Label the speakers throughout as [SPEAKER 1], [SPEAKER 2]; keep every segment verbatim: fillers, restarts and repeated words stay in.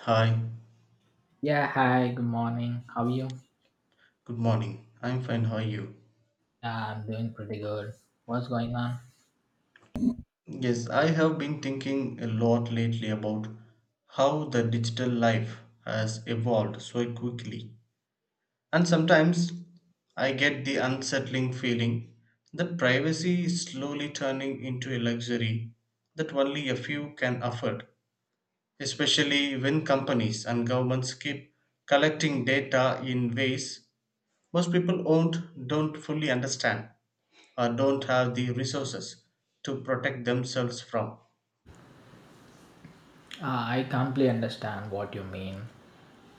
[SPEAKER 1] Hi,
[SPEAKER 2] Yeah, hi, good morning. How are you?
[SPEAKER 1] good morning. I'm fine, how are you?
[SPEAKER 2] Yeah, I'm doing pretty good. What's going on?
[SPEAKER 1] Yes, I have been thinking a lot lately about how the digital life has evolved so quickly. And sometimes I get the unsettling feeling that privacy is slowly turning into a luxury that only a few can afford, especially when companies and governments keep collecting data in ways most people won't, don't fully understand. Or don't have the resources to protect themselves from.
[SPEAKER 2] Uh, I completely understand what you mean.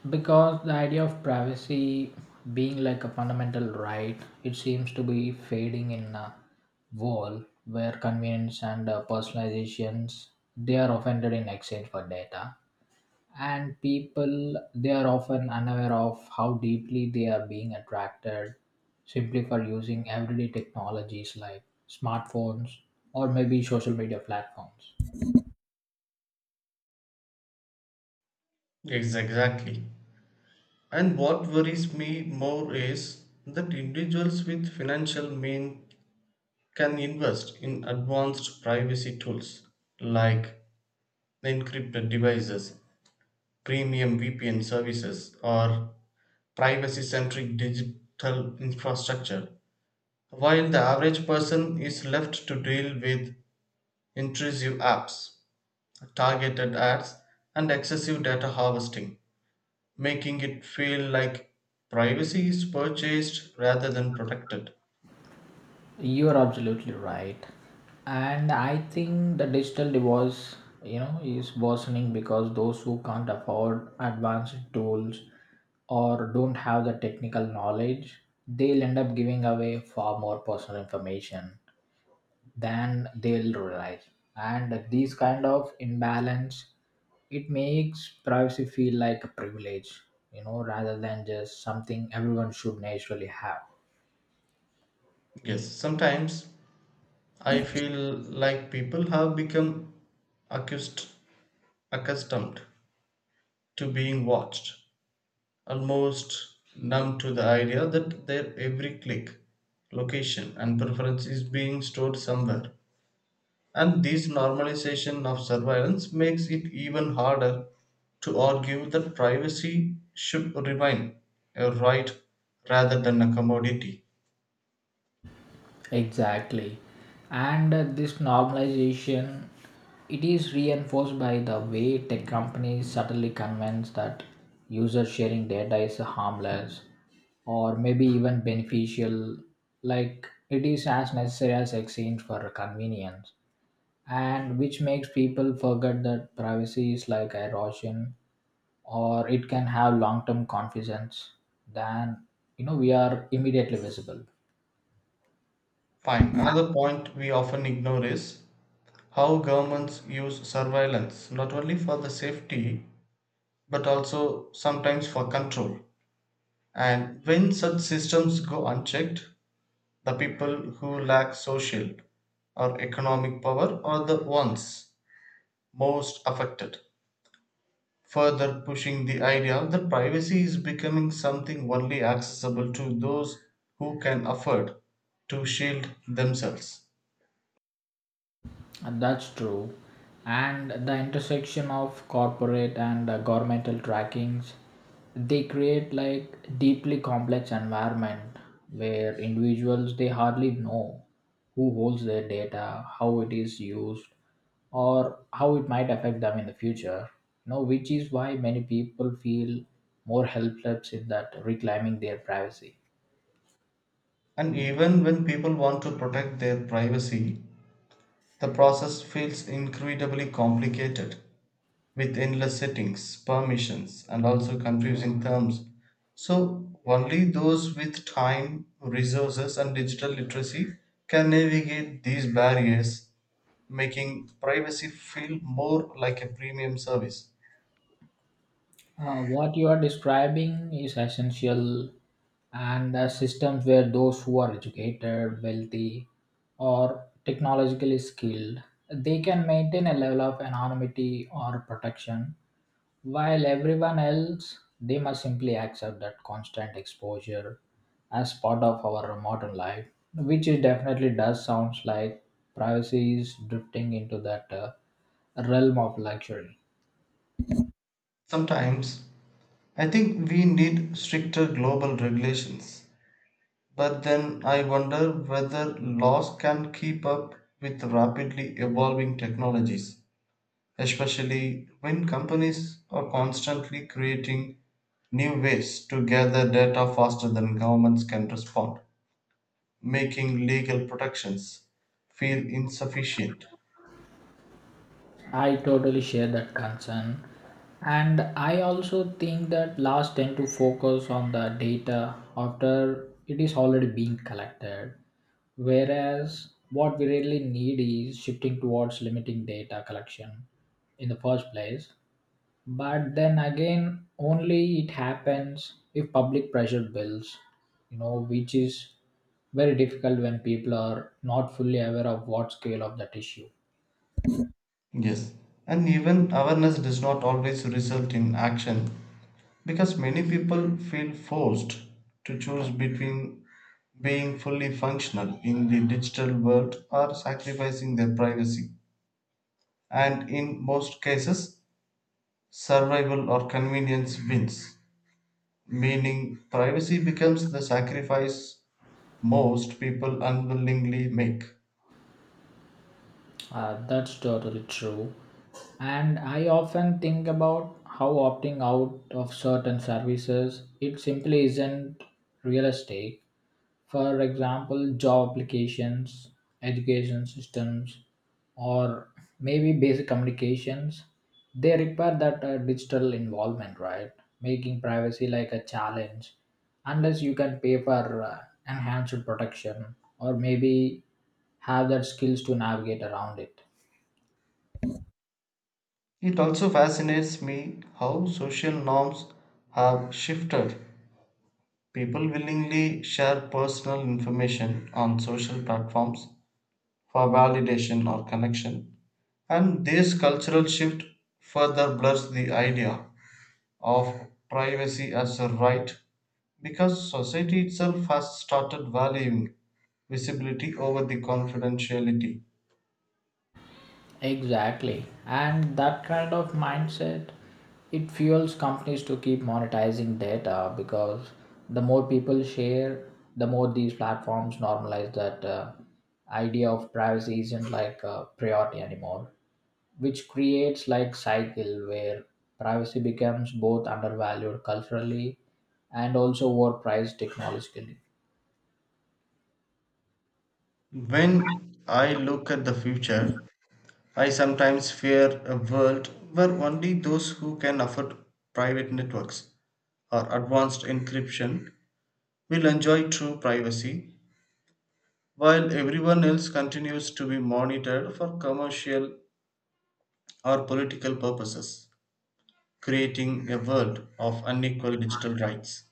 [SPEAKER 2] Because the idea of privacy being like a fundamental right, it seems to be fading in a world where convenience and uh, personalizations they are offended in exchange for data. And people they are often unaware of how deeply they are being attracted simply for using everyday technologies like smartphones or maybe social media platforms.
[SPEAKER 1] Yes, exactly. And what worries me more is that individuals with financial means can invest in advanced privacy tools like encrypted devices, premium V P N services, or privacy centric digital infrastructure, while the average person is left to deal with intrusive apps, targeted ads, and excessive data harvesting, making it feel like privacy is purchased rather than protected.
[SPEAKER 2] You are absolutely right, and I think the digital divorce, you know, is worsening because those who can't afford advanced tools or don't have the technical knowledge they'll end up giving away far more personal information than they'll realize. And these kind of imbalance, it makes privacy feel like a privilege, you know, rather than just something everyone should naturally have.
[SPEAKER 1] Yes, sometimes I feel like people have become accused, accustomed to being watched, almost numb to the idea that their every click, location, and preference is being stored somewhere. And this normalization of surveillance makes it even harder to argue that privacy should remain a right rather than a commodity.
[SPEAKER 2] Exactly. And uh, this normalization, it is reinforced by the way tech companies subtly convince that user sharing data is harmless or maybe even beneficial, like it is as necessary as exchange for convenience. And which makes people forget that privacy is like erosion or it can have long term confidence, then you know we are immediately visible.
[SPEAKER 1] Fine. Another point we often ignore is how governments use surveillance not only for the safety but also sometimes for control. And when such systems go unchecked, the people who lack social or economic power are the ones most affected, further pushing the idea that privacy is becoming something only accessible to those who can afford to shield themselves.
[SPEAKER 2] And that's true. And the intersection of corporate and uh, governmental trackings, they create like deeply complex environment where individuals they hardly know who holds their data, how it is used, or how it might affect them in the future. You know, which is why many people feel more helpless in that reclaiming their privacy.
[SPEAKER 1] And even when people want to protect their privacy, the process feels incredibly complicated with endless settings, permissions, and also confusing terms. So, only those with time, resources, and digital literacy can navigate these barriers, making privacy feel more like a premium service.
[SPEAKER 2] Uh, what you are describing is essential, and the systems where those who are educated, wealthy, or technologically skilled, they can maintain a level of anonymity or protection, while everyone else, they must simply accept that constant exposure as part of our modern life, which it definitely does sounds like privacy is drifting into that uh, realm of luxury.
[SPEAKER 1] Sometimes I think we need stricter global regulations, but then I wonder whether laws can keep up with rapidly evolving technologies, especially when companies are constantly creating new ways to gather data faster than governments can respond, making legal protections feel insufficient.
[SPEAKER 2] I totally share that concern. And I also think that laws tend to focus on the data after it is already being collected. Whereas what we really need is shifting towards limiting data collection in the first place. But then again, only it happens if public pressure builds, you know, which is very difficult when people are not fully aware of what scale of that issue.
[SPEAKER 1] Yes, and even awareness does not always result in action because many people feel forced to choose between being fully functional in the digital world or sacrificing their privacy. And in most cases, survival or convenience wins, meaning privacy becomes the sacrifice most people unwillingly make.
[SPEAKER 2] Uh, that's totally true. And I often think about how opting out of certain services it simply isn't realistic. For example, job applications, education systems, or maybe basic communications, they require that uh, digital involvement, right? Making privacy like a challenge, unless you can pay for uh, enhanced protection or maybe have that skills to navigate around it.
[SPEAKER 1] It also fascinates me how social norms have shifted. People willingly share personal information on social platforms for validation or connection, and this cultural shift further blurs the idea of privacy as a right because society itself has started valuing visibility over the confidentiality.
[SPEAKER 2] Exactly. And that kind of mindset, it fuels companies to keep monetizing data because the more people share, the more these platforms normalize that uh, idea of privacy isn't like a priority anymore, which creates like cycle where privacy becomes both undervalued culturally and also overpriced technologically.
[SPEAKER 1] When I look at the future, I sometimes fear a world where only those who can afford private networks or advanced encryption will enjoy true privacy, while everyone else continues to be monitored for commercial or political purposes, creating a world of unequal digital rights.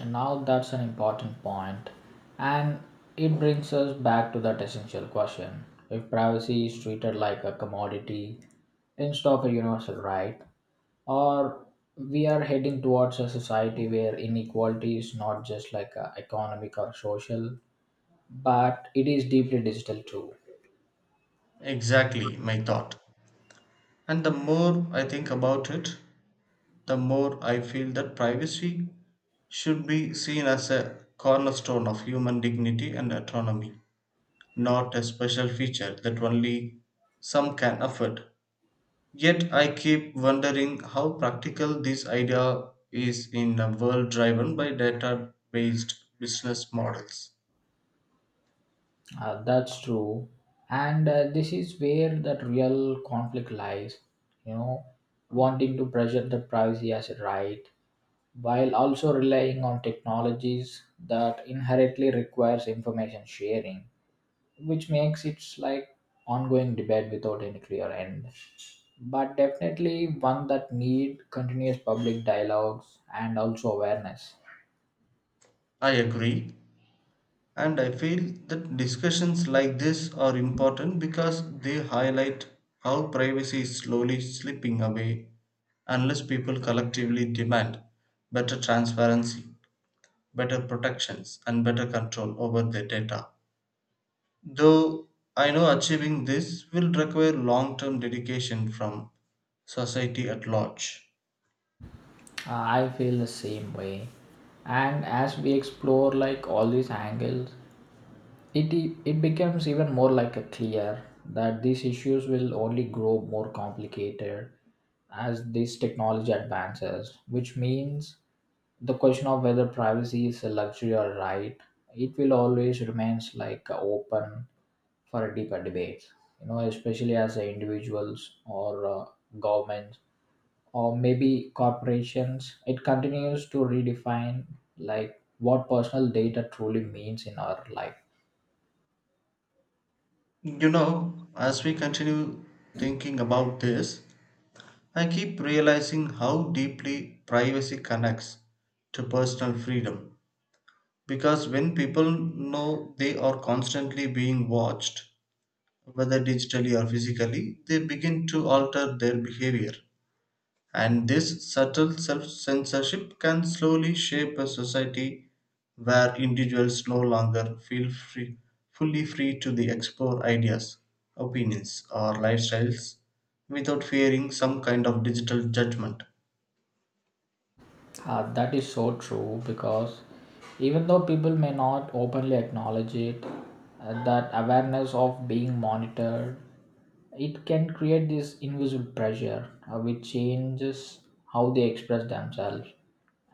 [SPEAKER 2] And now that's an important point, and it brings us back to that essential question. If privacy is treated like a commodity instead of a universal right, or we are heading towards a society where inequality is not just like a economic or social, but it is deeply digital too.
[SPEAKER 1] Exactly my thought. And the more I think about it, the more I feel that privacy should be seen as a cornerstone of human dignity and autonomy, not a special feature that only some can afford. Yet I keep wondering how practical this idea is in a world driven by data based business models.
[SPEAKER 2] Uh, that's true. And uh, this is where that real conflict lies, you know, wanting to pressure the privacy as a right while also relying on technologies that inherently requires information sharing, which makes it like ongoing debate without any clear end, but definitely one that need continuous public dialogues and also awareness.
[SPEAKER 1] I agree, and I feel that discussions like this are important because they highlight how privacy is slowly slipping away unless people collectively demand better transparency, better protections, and better control over their data. Though I know achieving this will require long term dedication from society at large.
[SPEAKER 2] Uh, I feel the same way. And as we explore like all these angles, it e, it becomes even more like a clear that these issues will only grow more complicated as this technology advances, which means the question of whether privacy is a luxury or right, it will always remains like open for a deeper debate. You know, especially as individuals or uh, governments or maybe corporations, it continues to redefine like what personal data truly means in our life.
[SPEAKER 1] You know, as we continue thinking about this, I keep realizing how deeply privacy connects to personal freedom. Because when people know they are constantly being watched, whether digitally or physically, they begin to alter their behavior. And this subtle self censorship can slowly shape a society where individuals no longer feel free, fully free to the explore ideas, opinions, or lifestyles without fearing some kind of digital judgment.
[SPEAKER 2] Uh, that is so true because even though people may not openly acknowledge it, uh, that awareness of being monitored, it can create this invisible pressure uh, which changes how they express themselves.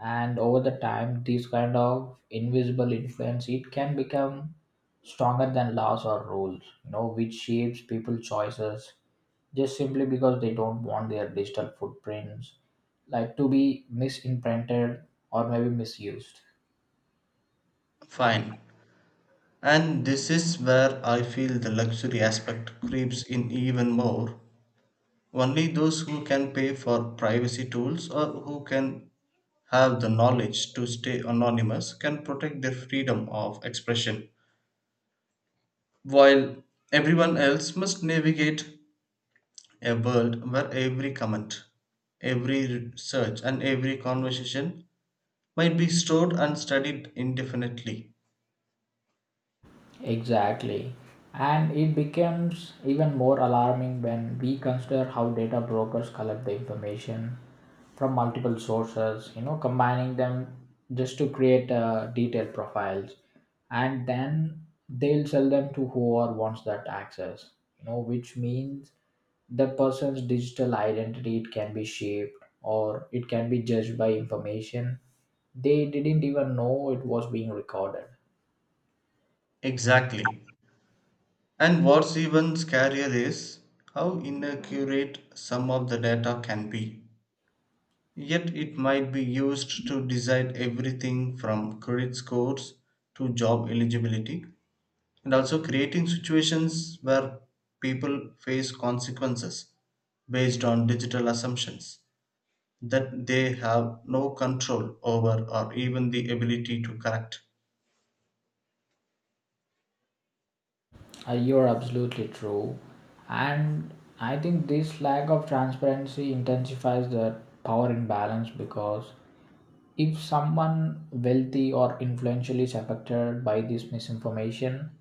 [SPEAKER 2] And over the time, this kind of invisible influence it can become stronger than laws or rules, you know, which shapes people's choices just simply because they don't want their digital footprints like to be misimprinted or maybe misused.
[SPEAKER 1] Fine. And this is where I feel the luxury aspect creeps in even more. Only those who can pay for privacy tools or who can have the knowledge to stay anonymous can protect their freedom of expression, while everyone else must navigate a world where every comment, every search, and every conversation might be stored and studied indefinitely.
[SPEAKER 2] Exactly. And it becomes even more alarming when we consider how data brokers collect the information from multiple sources, you know, combining them just to create uh, detailed profiles. And then they'll sell them to whoever wants that access, you know, which means the person's digital identity it can be shaped or it can be judged by information they didn't even know it was being recorded.
[SPEAKER 1] Exactly. And what's even scarier is how inaccurate some of the data can be. Yet it might be used to decide everything from credit scores to job eligibility and also creating situations where people face consequences based on digital assumptions that they have no control over or even the ability to correct.
[SPEAKER 2] Uh, you're absolutely true. And I think this lack of transparency intensifies the power imbalance because if someone wealthy or influential is affected by this misinformation,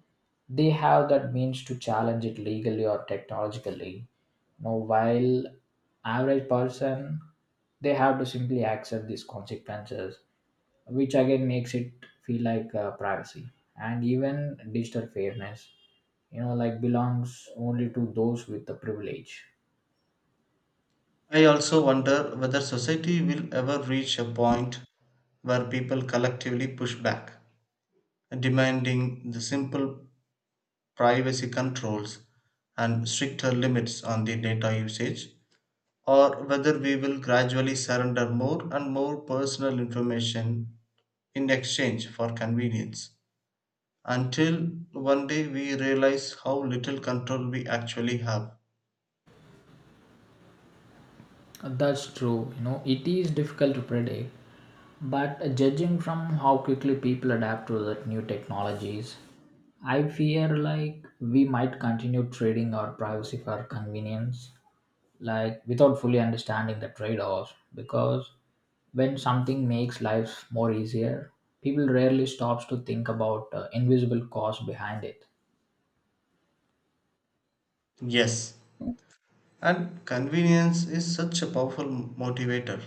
[SPEAKER 2] they have that means to challenge it legally or technologically. Now, while average person, they have to simply accept these consequences, which again makes it feel like uh, privacy and even digital fairness, you know, like belongs only to those with the privilege.
[SPEAKER 1] I also wonder whether society will ever reach a point where people collectively push back, demanding the simple privacy controls and stricter limits on the data usage or whether we will gradually surrender more and more personal information in exchange for convenience, until one day we realize how little control we actually have.
[SPEAKER 2] That's true, you know, it is difficult to predict, but uh, judging from how quickly people adapt to the new technologies, I fear like we might continue trading our privacy for convenience like without fully understanding the trade-offs, because when something makes life more easier, people rarely stops to think about uh, invisible cost behind it.
[SPEAKER 1] Yes, and convenience is such a powerful motivator,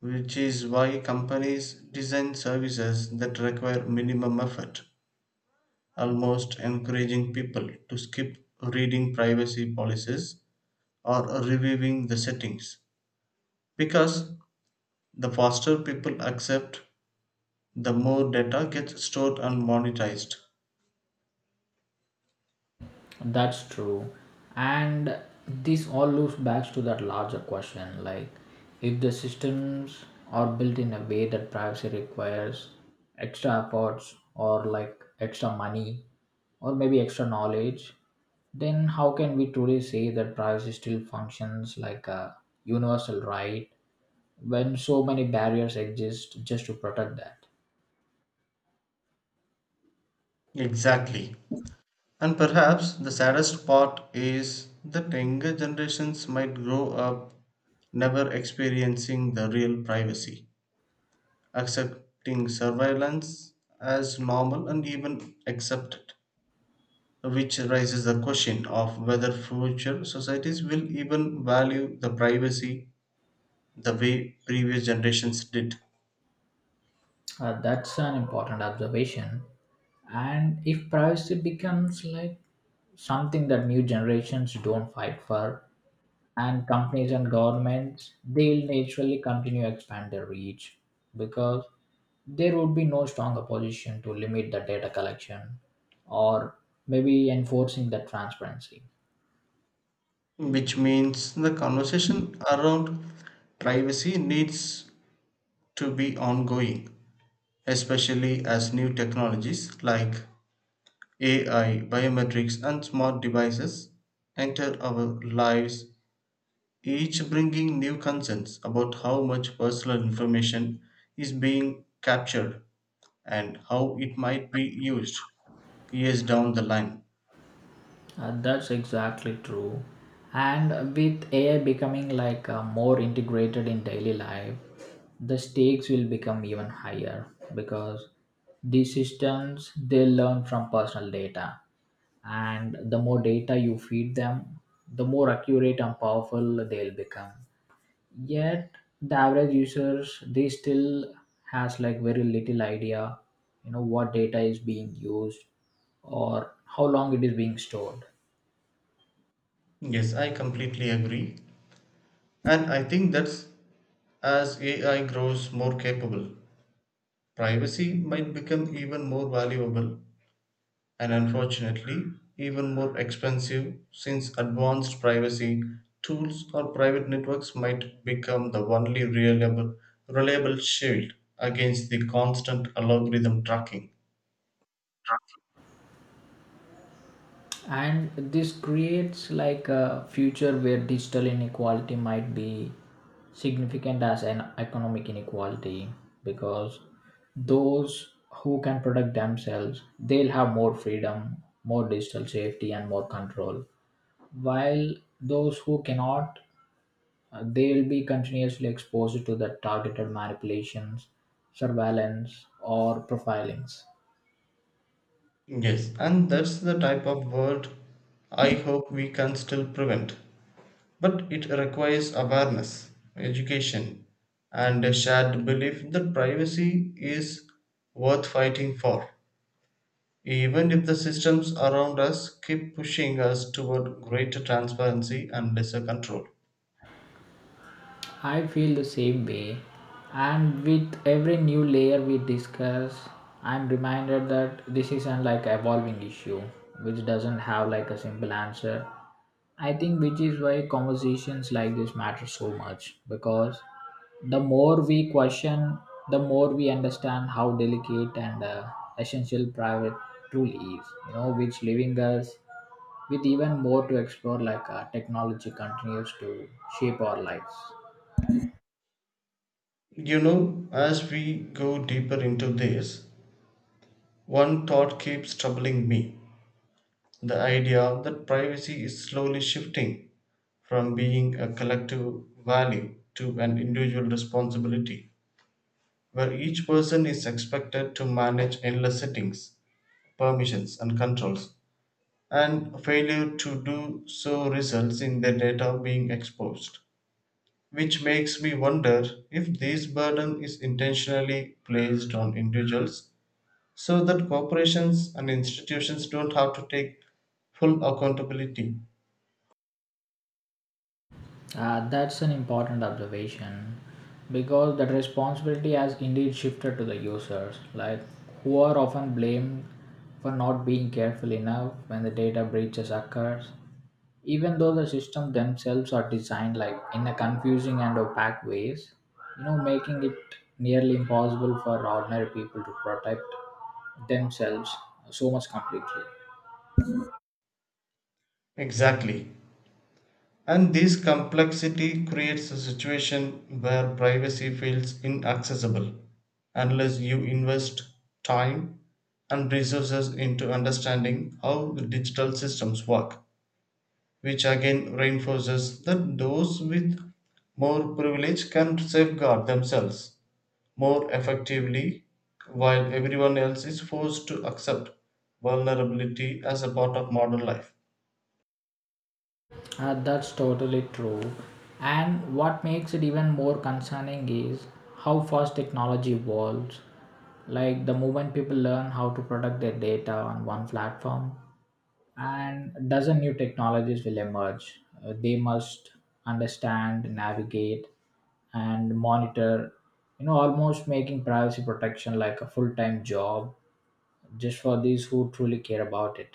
[SPEAKER 1] which is why companies design services that require minimum effort, almost encouraging people to skip reading privacy policies or reviewing the settings because the faster people accept, the more data gets stored and monetized.
[SPEAKER 2] That's true. And this all loops back to that larger question, like if the systems are built in a way that privacy requires extra efforts or like extra money or maybe extra knowledge, then how can we truly say that privacy still functions like a universal right when so many barriers exist just to protect that.
[SPEAKER 1] Exactly. And perhaps the saddest part is that younger generations might grow up never experiencing the real privacy, accepting surveillance as normal and even accepted, which raises the question of whether future societies will even value the privacy the way previous generations did.
[SPEAKER 2] Uh, that's an important observation. And if privacy becomes like something that new generations don't fight for, and companies and governments, they'll naturally continue to expand their reach, because there would be no strong opposition to limit the data collection or maybe enforcing the transparency.
[SPEAKER 1] Which means the conversation around privacy needs to be ongoing, especially as new technologies like A I, biometrics, and smart devices enter our lives, each bringing new concerns about how much personal information is being captured and how it might be used years down the line.
[SPEAKER 2] Uh, that's exactly true. And with A I becoming like uh, more integrated in daily life, the stakes will become even higher, because these systems they learn from personal data, and the more data you feed them, the more accurate and powerful they'll become. Yet the average users they still has like very little idea, you know what data is being used or how long it is being stored.
[SPEAKER 1] Yes, I completely agree. And I think that's, as A I grows more capable, privacy might become even more valuable and, unfortunately, even more expensive, since advanced privacy tools or private networks might become the only reliable, reliable shield against the constant algorithm tracking.
[SPEAKER 2] And this creates like a future where digital inequality might be significant as an economic inequality, because those who can protect themselves they'll have more freedom, more digital safety and more control, while those who cannot, uh, they'll be continuously exposed to the targeted manipulations, surveillance or profilings.
[SPEAKER 1] Yes, and that's the type of world I hope we can still prevent. But it requires awareness, education, and a shared belief that privacy is worth fighting for. Even if the systems around us keep pushing us toward greater transparency and lesser control.
[SPEAKER 2] I feel the same way, and with every new layer we discuss, I'm reminded that this is an like evolving issue which doesn't have like a simple answer. I think which is why conversations like this matter so much because the more we question, the more we understand how delicate and uh, essential private truly is. You know, which leaving us with even more to explore like uh, technology continues to shape our lives.
[SPEAKER 1] You know, as we go deeper into this, one thought keeps troubling me: the idea that privacy is slowly shifting from being a collective value to an individual responsibility, where each person is expected to manage endless settings, permissions, and controls, and failure to do so results in their data being exposed, which makes me wonder if this burden is intentionally placed on individuals so that corporations and institutions don't have to take full accountability.
[SPEAKER 2] Uh, that's an important observation because that responsibility has indeed shifted to the users, like who are often blamed for not being careful enough when the data breaches occurs, even though the systems themselves are designed like in a confusing and opaque ways, you know, making it nearly impossible for ordinary people to protect themselves so much completely.
[SPEAKER 1] Exactly. And this complexity creates a situation where privacy feels inaccessible unless you invest time and resources into understanding how the digital systems work, which again reinforces that those with more privilege can safeguard themselves more effectively while everyone else is forced to accept vulnerability as a part of modern life.
[SPEAKER 2] Uh, that's totally true. And what makes it even more concerning is how fast technology evolves. Like the moment people learn how to protect their data on one platform, and dozen new technologies will emerge. Uh, they must understand, navigate, and monitor. You know, almost making privacy protection like a full time job just for these who truly care about it.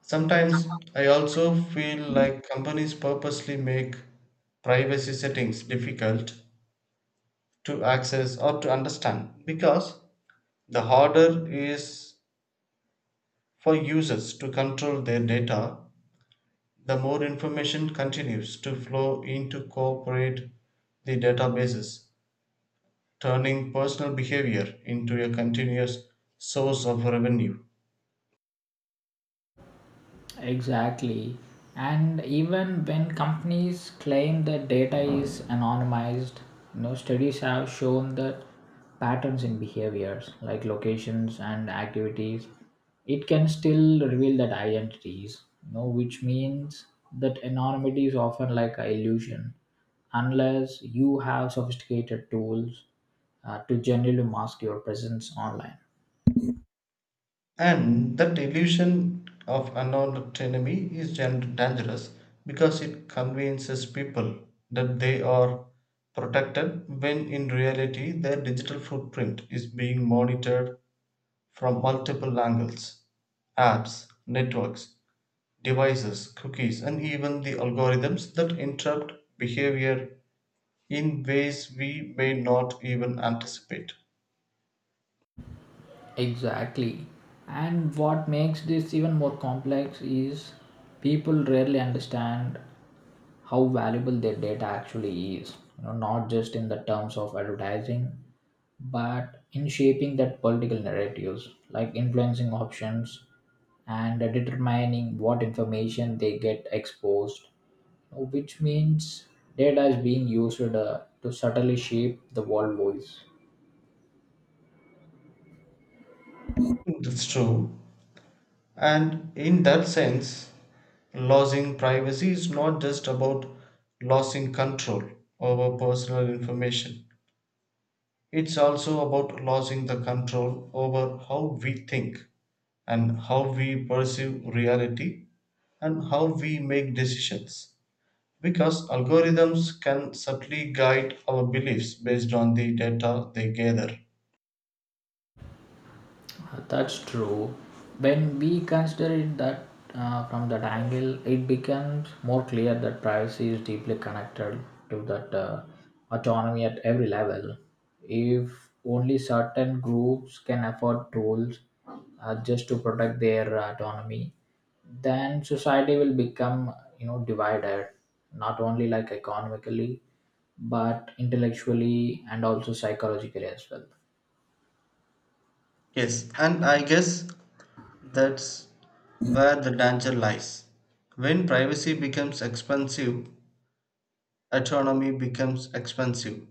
[SPEAKER 1] Sometimes I also feel like companies purposely make privacy settings difficult to access or to understand because the harder is for users to control their data, the more information continues to flow in to co the databases, turning personal behavior into a continuous source of revenue.
[SPEAKER 2] Exactly. And even when companies claim that data is anonymized, you know, studies have shown that patterns in behaviors like locations and activities, it can still reveal that identities, you know, which means that anonymity is often like an illusion unless you have sophisticated tools uh, to generally mask your presence online.
[SPEAKER 1] And that illusion of anonymity is dangerous because it convinces people that they are protected when in reality their digital footprint is being monitored from multiple angles: apps, networks, devices, cookies, and even the algorithms that interrupt behavior in ways we may not even anticipate.
[SPEAKER 2] Exactly. And what makes this even more complex is people rarely understand how valuable their data actually is. You know, not just in the terms of advertising, but in shaping that political narratives, like influencing options and determining what information they get exposed, which means data is being used uh, to subtly shape the world voice.
[SPEAKER 1] That's true. And in that sense, losing privacy is not just about losing control over personal information. It's also about losing the control over how we think and how we perceive reality and how we make decisions. Because algorithms can subtly guide our beliefs based on the data they gather.
[SPEAKER 2] Uh, That's true. When we consider it that uh, from that angle, it becomes more clear that privacy is deeply connected to that uh, autonomy at every level. If only certain groups can afford tools uh, just to protect their uh, autonomy, then society will become, you know, divided, not only like economically, but intellectually and also psychologically as well.
[SPEAKER 1] Yes, and I guess that's where the danger lies. When privacy becomes expensive, autonomy becomes expensive,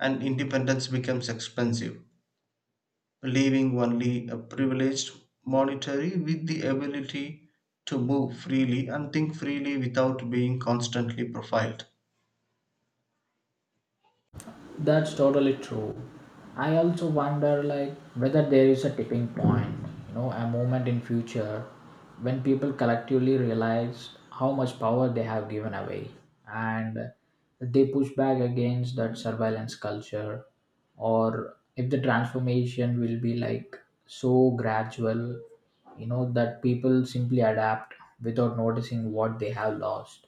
[SPEAKER 1] and independence becomes expensive, leaving only a privileged monetary with the ability to move freely and think freely without being constantly profiled.
[SPEAKER 2] That's totally true. I also wonder like whether there is a tipping point, you know, a moment in future when people collectively realize how much power they have given away and they push back against that surveillance culture, or if the transformation will be like so gradual, you know, that people simply adapt without noticing what they have lost.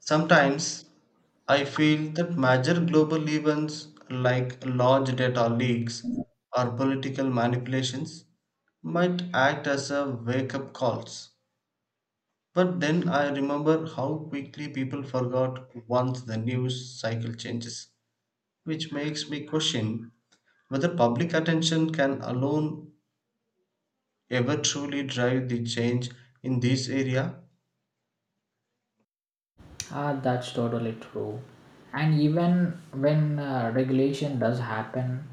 [SPEAKER 1] Sometimes I feel that major global events like large data leaks or political manipulations might act as a wake up calls. But then I remember how quickly people forgot once the news cycle changes, which makes me question whether public attention can alone ever truly drive the change in this area.
[SPEAKER 2] Ah, that's totally true. And even when uh, regulation does happen,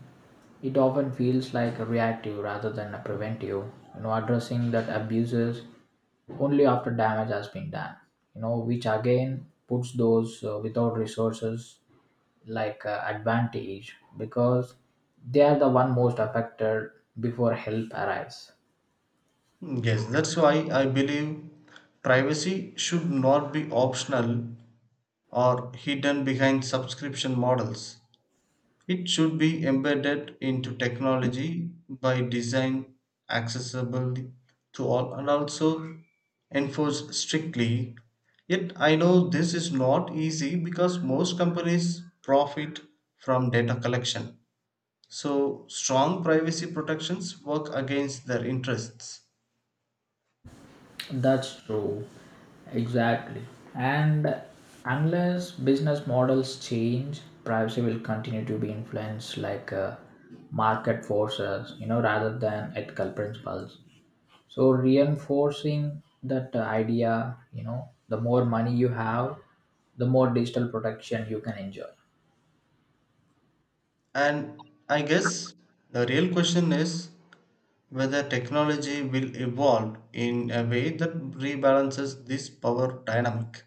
[SPEAKER 2] it often feels like reactive rather than a preventive. You know, addressing that abuses only after damage has been done. You know, which again puts those uh, without resources like uh, advantage because they are the one most affected before help arrives.
[SPEAKER 1] Yes, that's why I believe privacy should not be optional or hidden behind subscription models. It should be embedded into technology by design, accessible to all, and also enforced strictly. Yet I know this is not easy because most companies profit from data collection. So, strong privacy protections work against their interests.
[SPEAKER 2] That's true. Exactly. And unless business models change, privacy will continue to be influenced like uh, market forces, you know, rather than ethical principles. So reinforcing that uh, idea, you know, the more money you have, the more digital protection you can enjoy.
[SPEAKER 1] And I guess the real question is whether technology will evolve in a way that rebalances this power dynamic,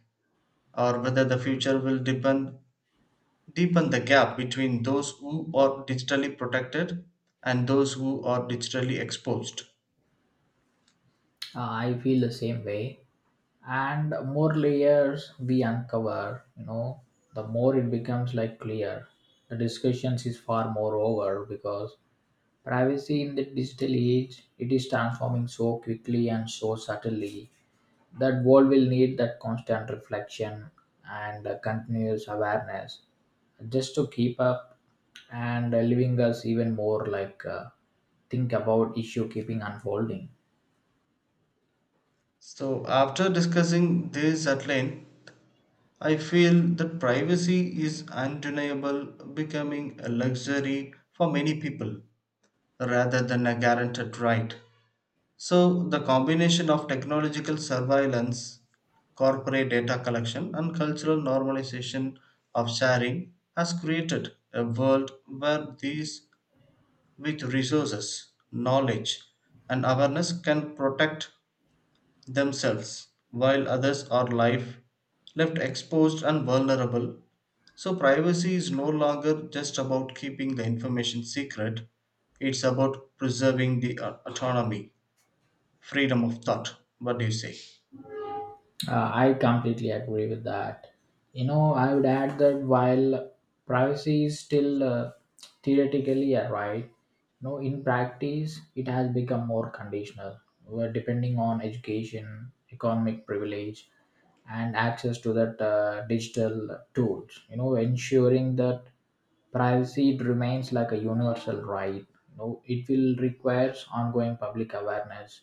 [SPEAKER 1] or whether the future will depend, deepen the gap between those who are digitally protected and those who are digitally exposed.
[SPEAKER 2] Uh, I feel the same way. And more layers we uncover, you know, the more it becomes like clear. The discussions is far more over because privacy in the digital age it is transforming so quickly and so subtly that world will need that constant reflection and uh, continuous awareness just to keep up and uh, leaving us even more like uh, think about issue keeping unfolding.
[SPEAKER 1] So, after discussing this at length, I feel that privacy is undeniable becoming a luxury for many people rather than a guaranteed right. So, the combination of technological surveillance, corporate data collection, and cultural normalization of sharing has created a world where these with resources, knowledge, and awareness can protect themselves while others are life left exposed and vulnerable. So, privacy is no longer just about keeping the information secret, it's about preserving the uh, autonomy freedom of thought. What do you say?
[SPEAKER 2] Uh, I completely agree with that. You know, I would add that while privacy is still uh, theoretically a right, you know, in practice it has become more conditional, where depending on education, economic privilege, and access to that uh, digital tools. You know, ensuring that privacy it remains like a universal right. You know, it will requires ongoing public awareness,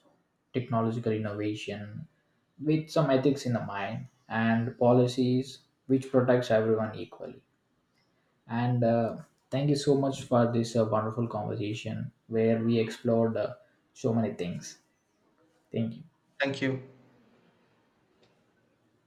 [SPEAKER 2] technological innovation, with some ethics in the mind and policies which protects everyone equally and uh, thank you so much for this uh, wonderful conversation where we explored uh, so many things. Thank you.
[SPEAKER 1] Thank you.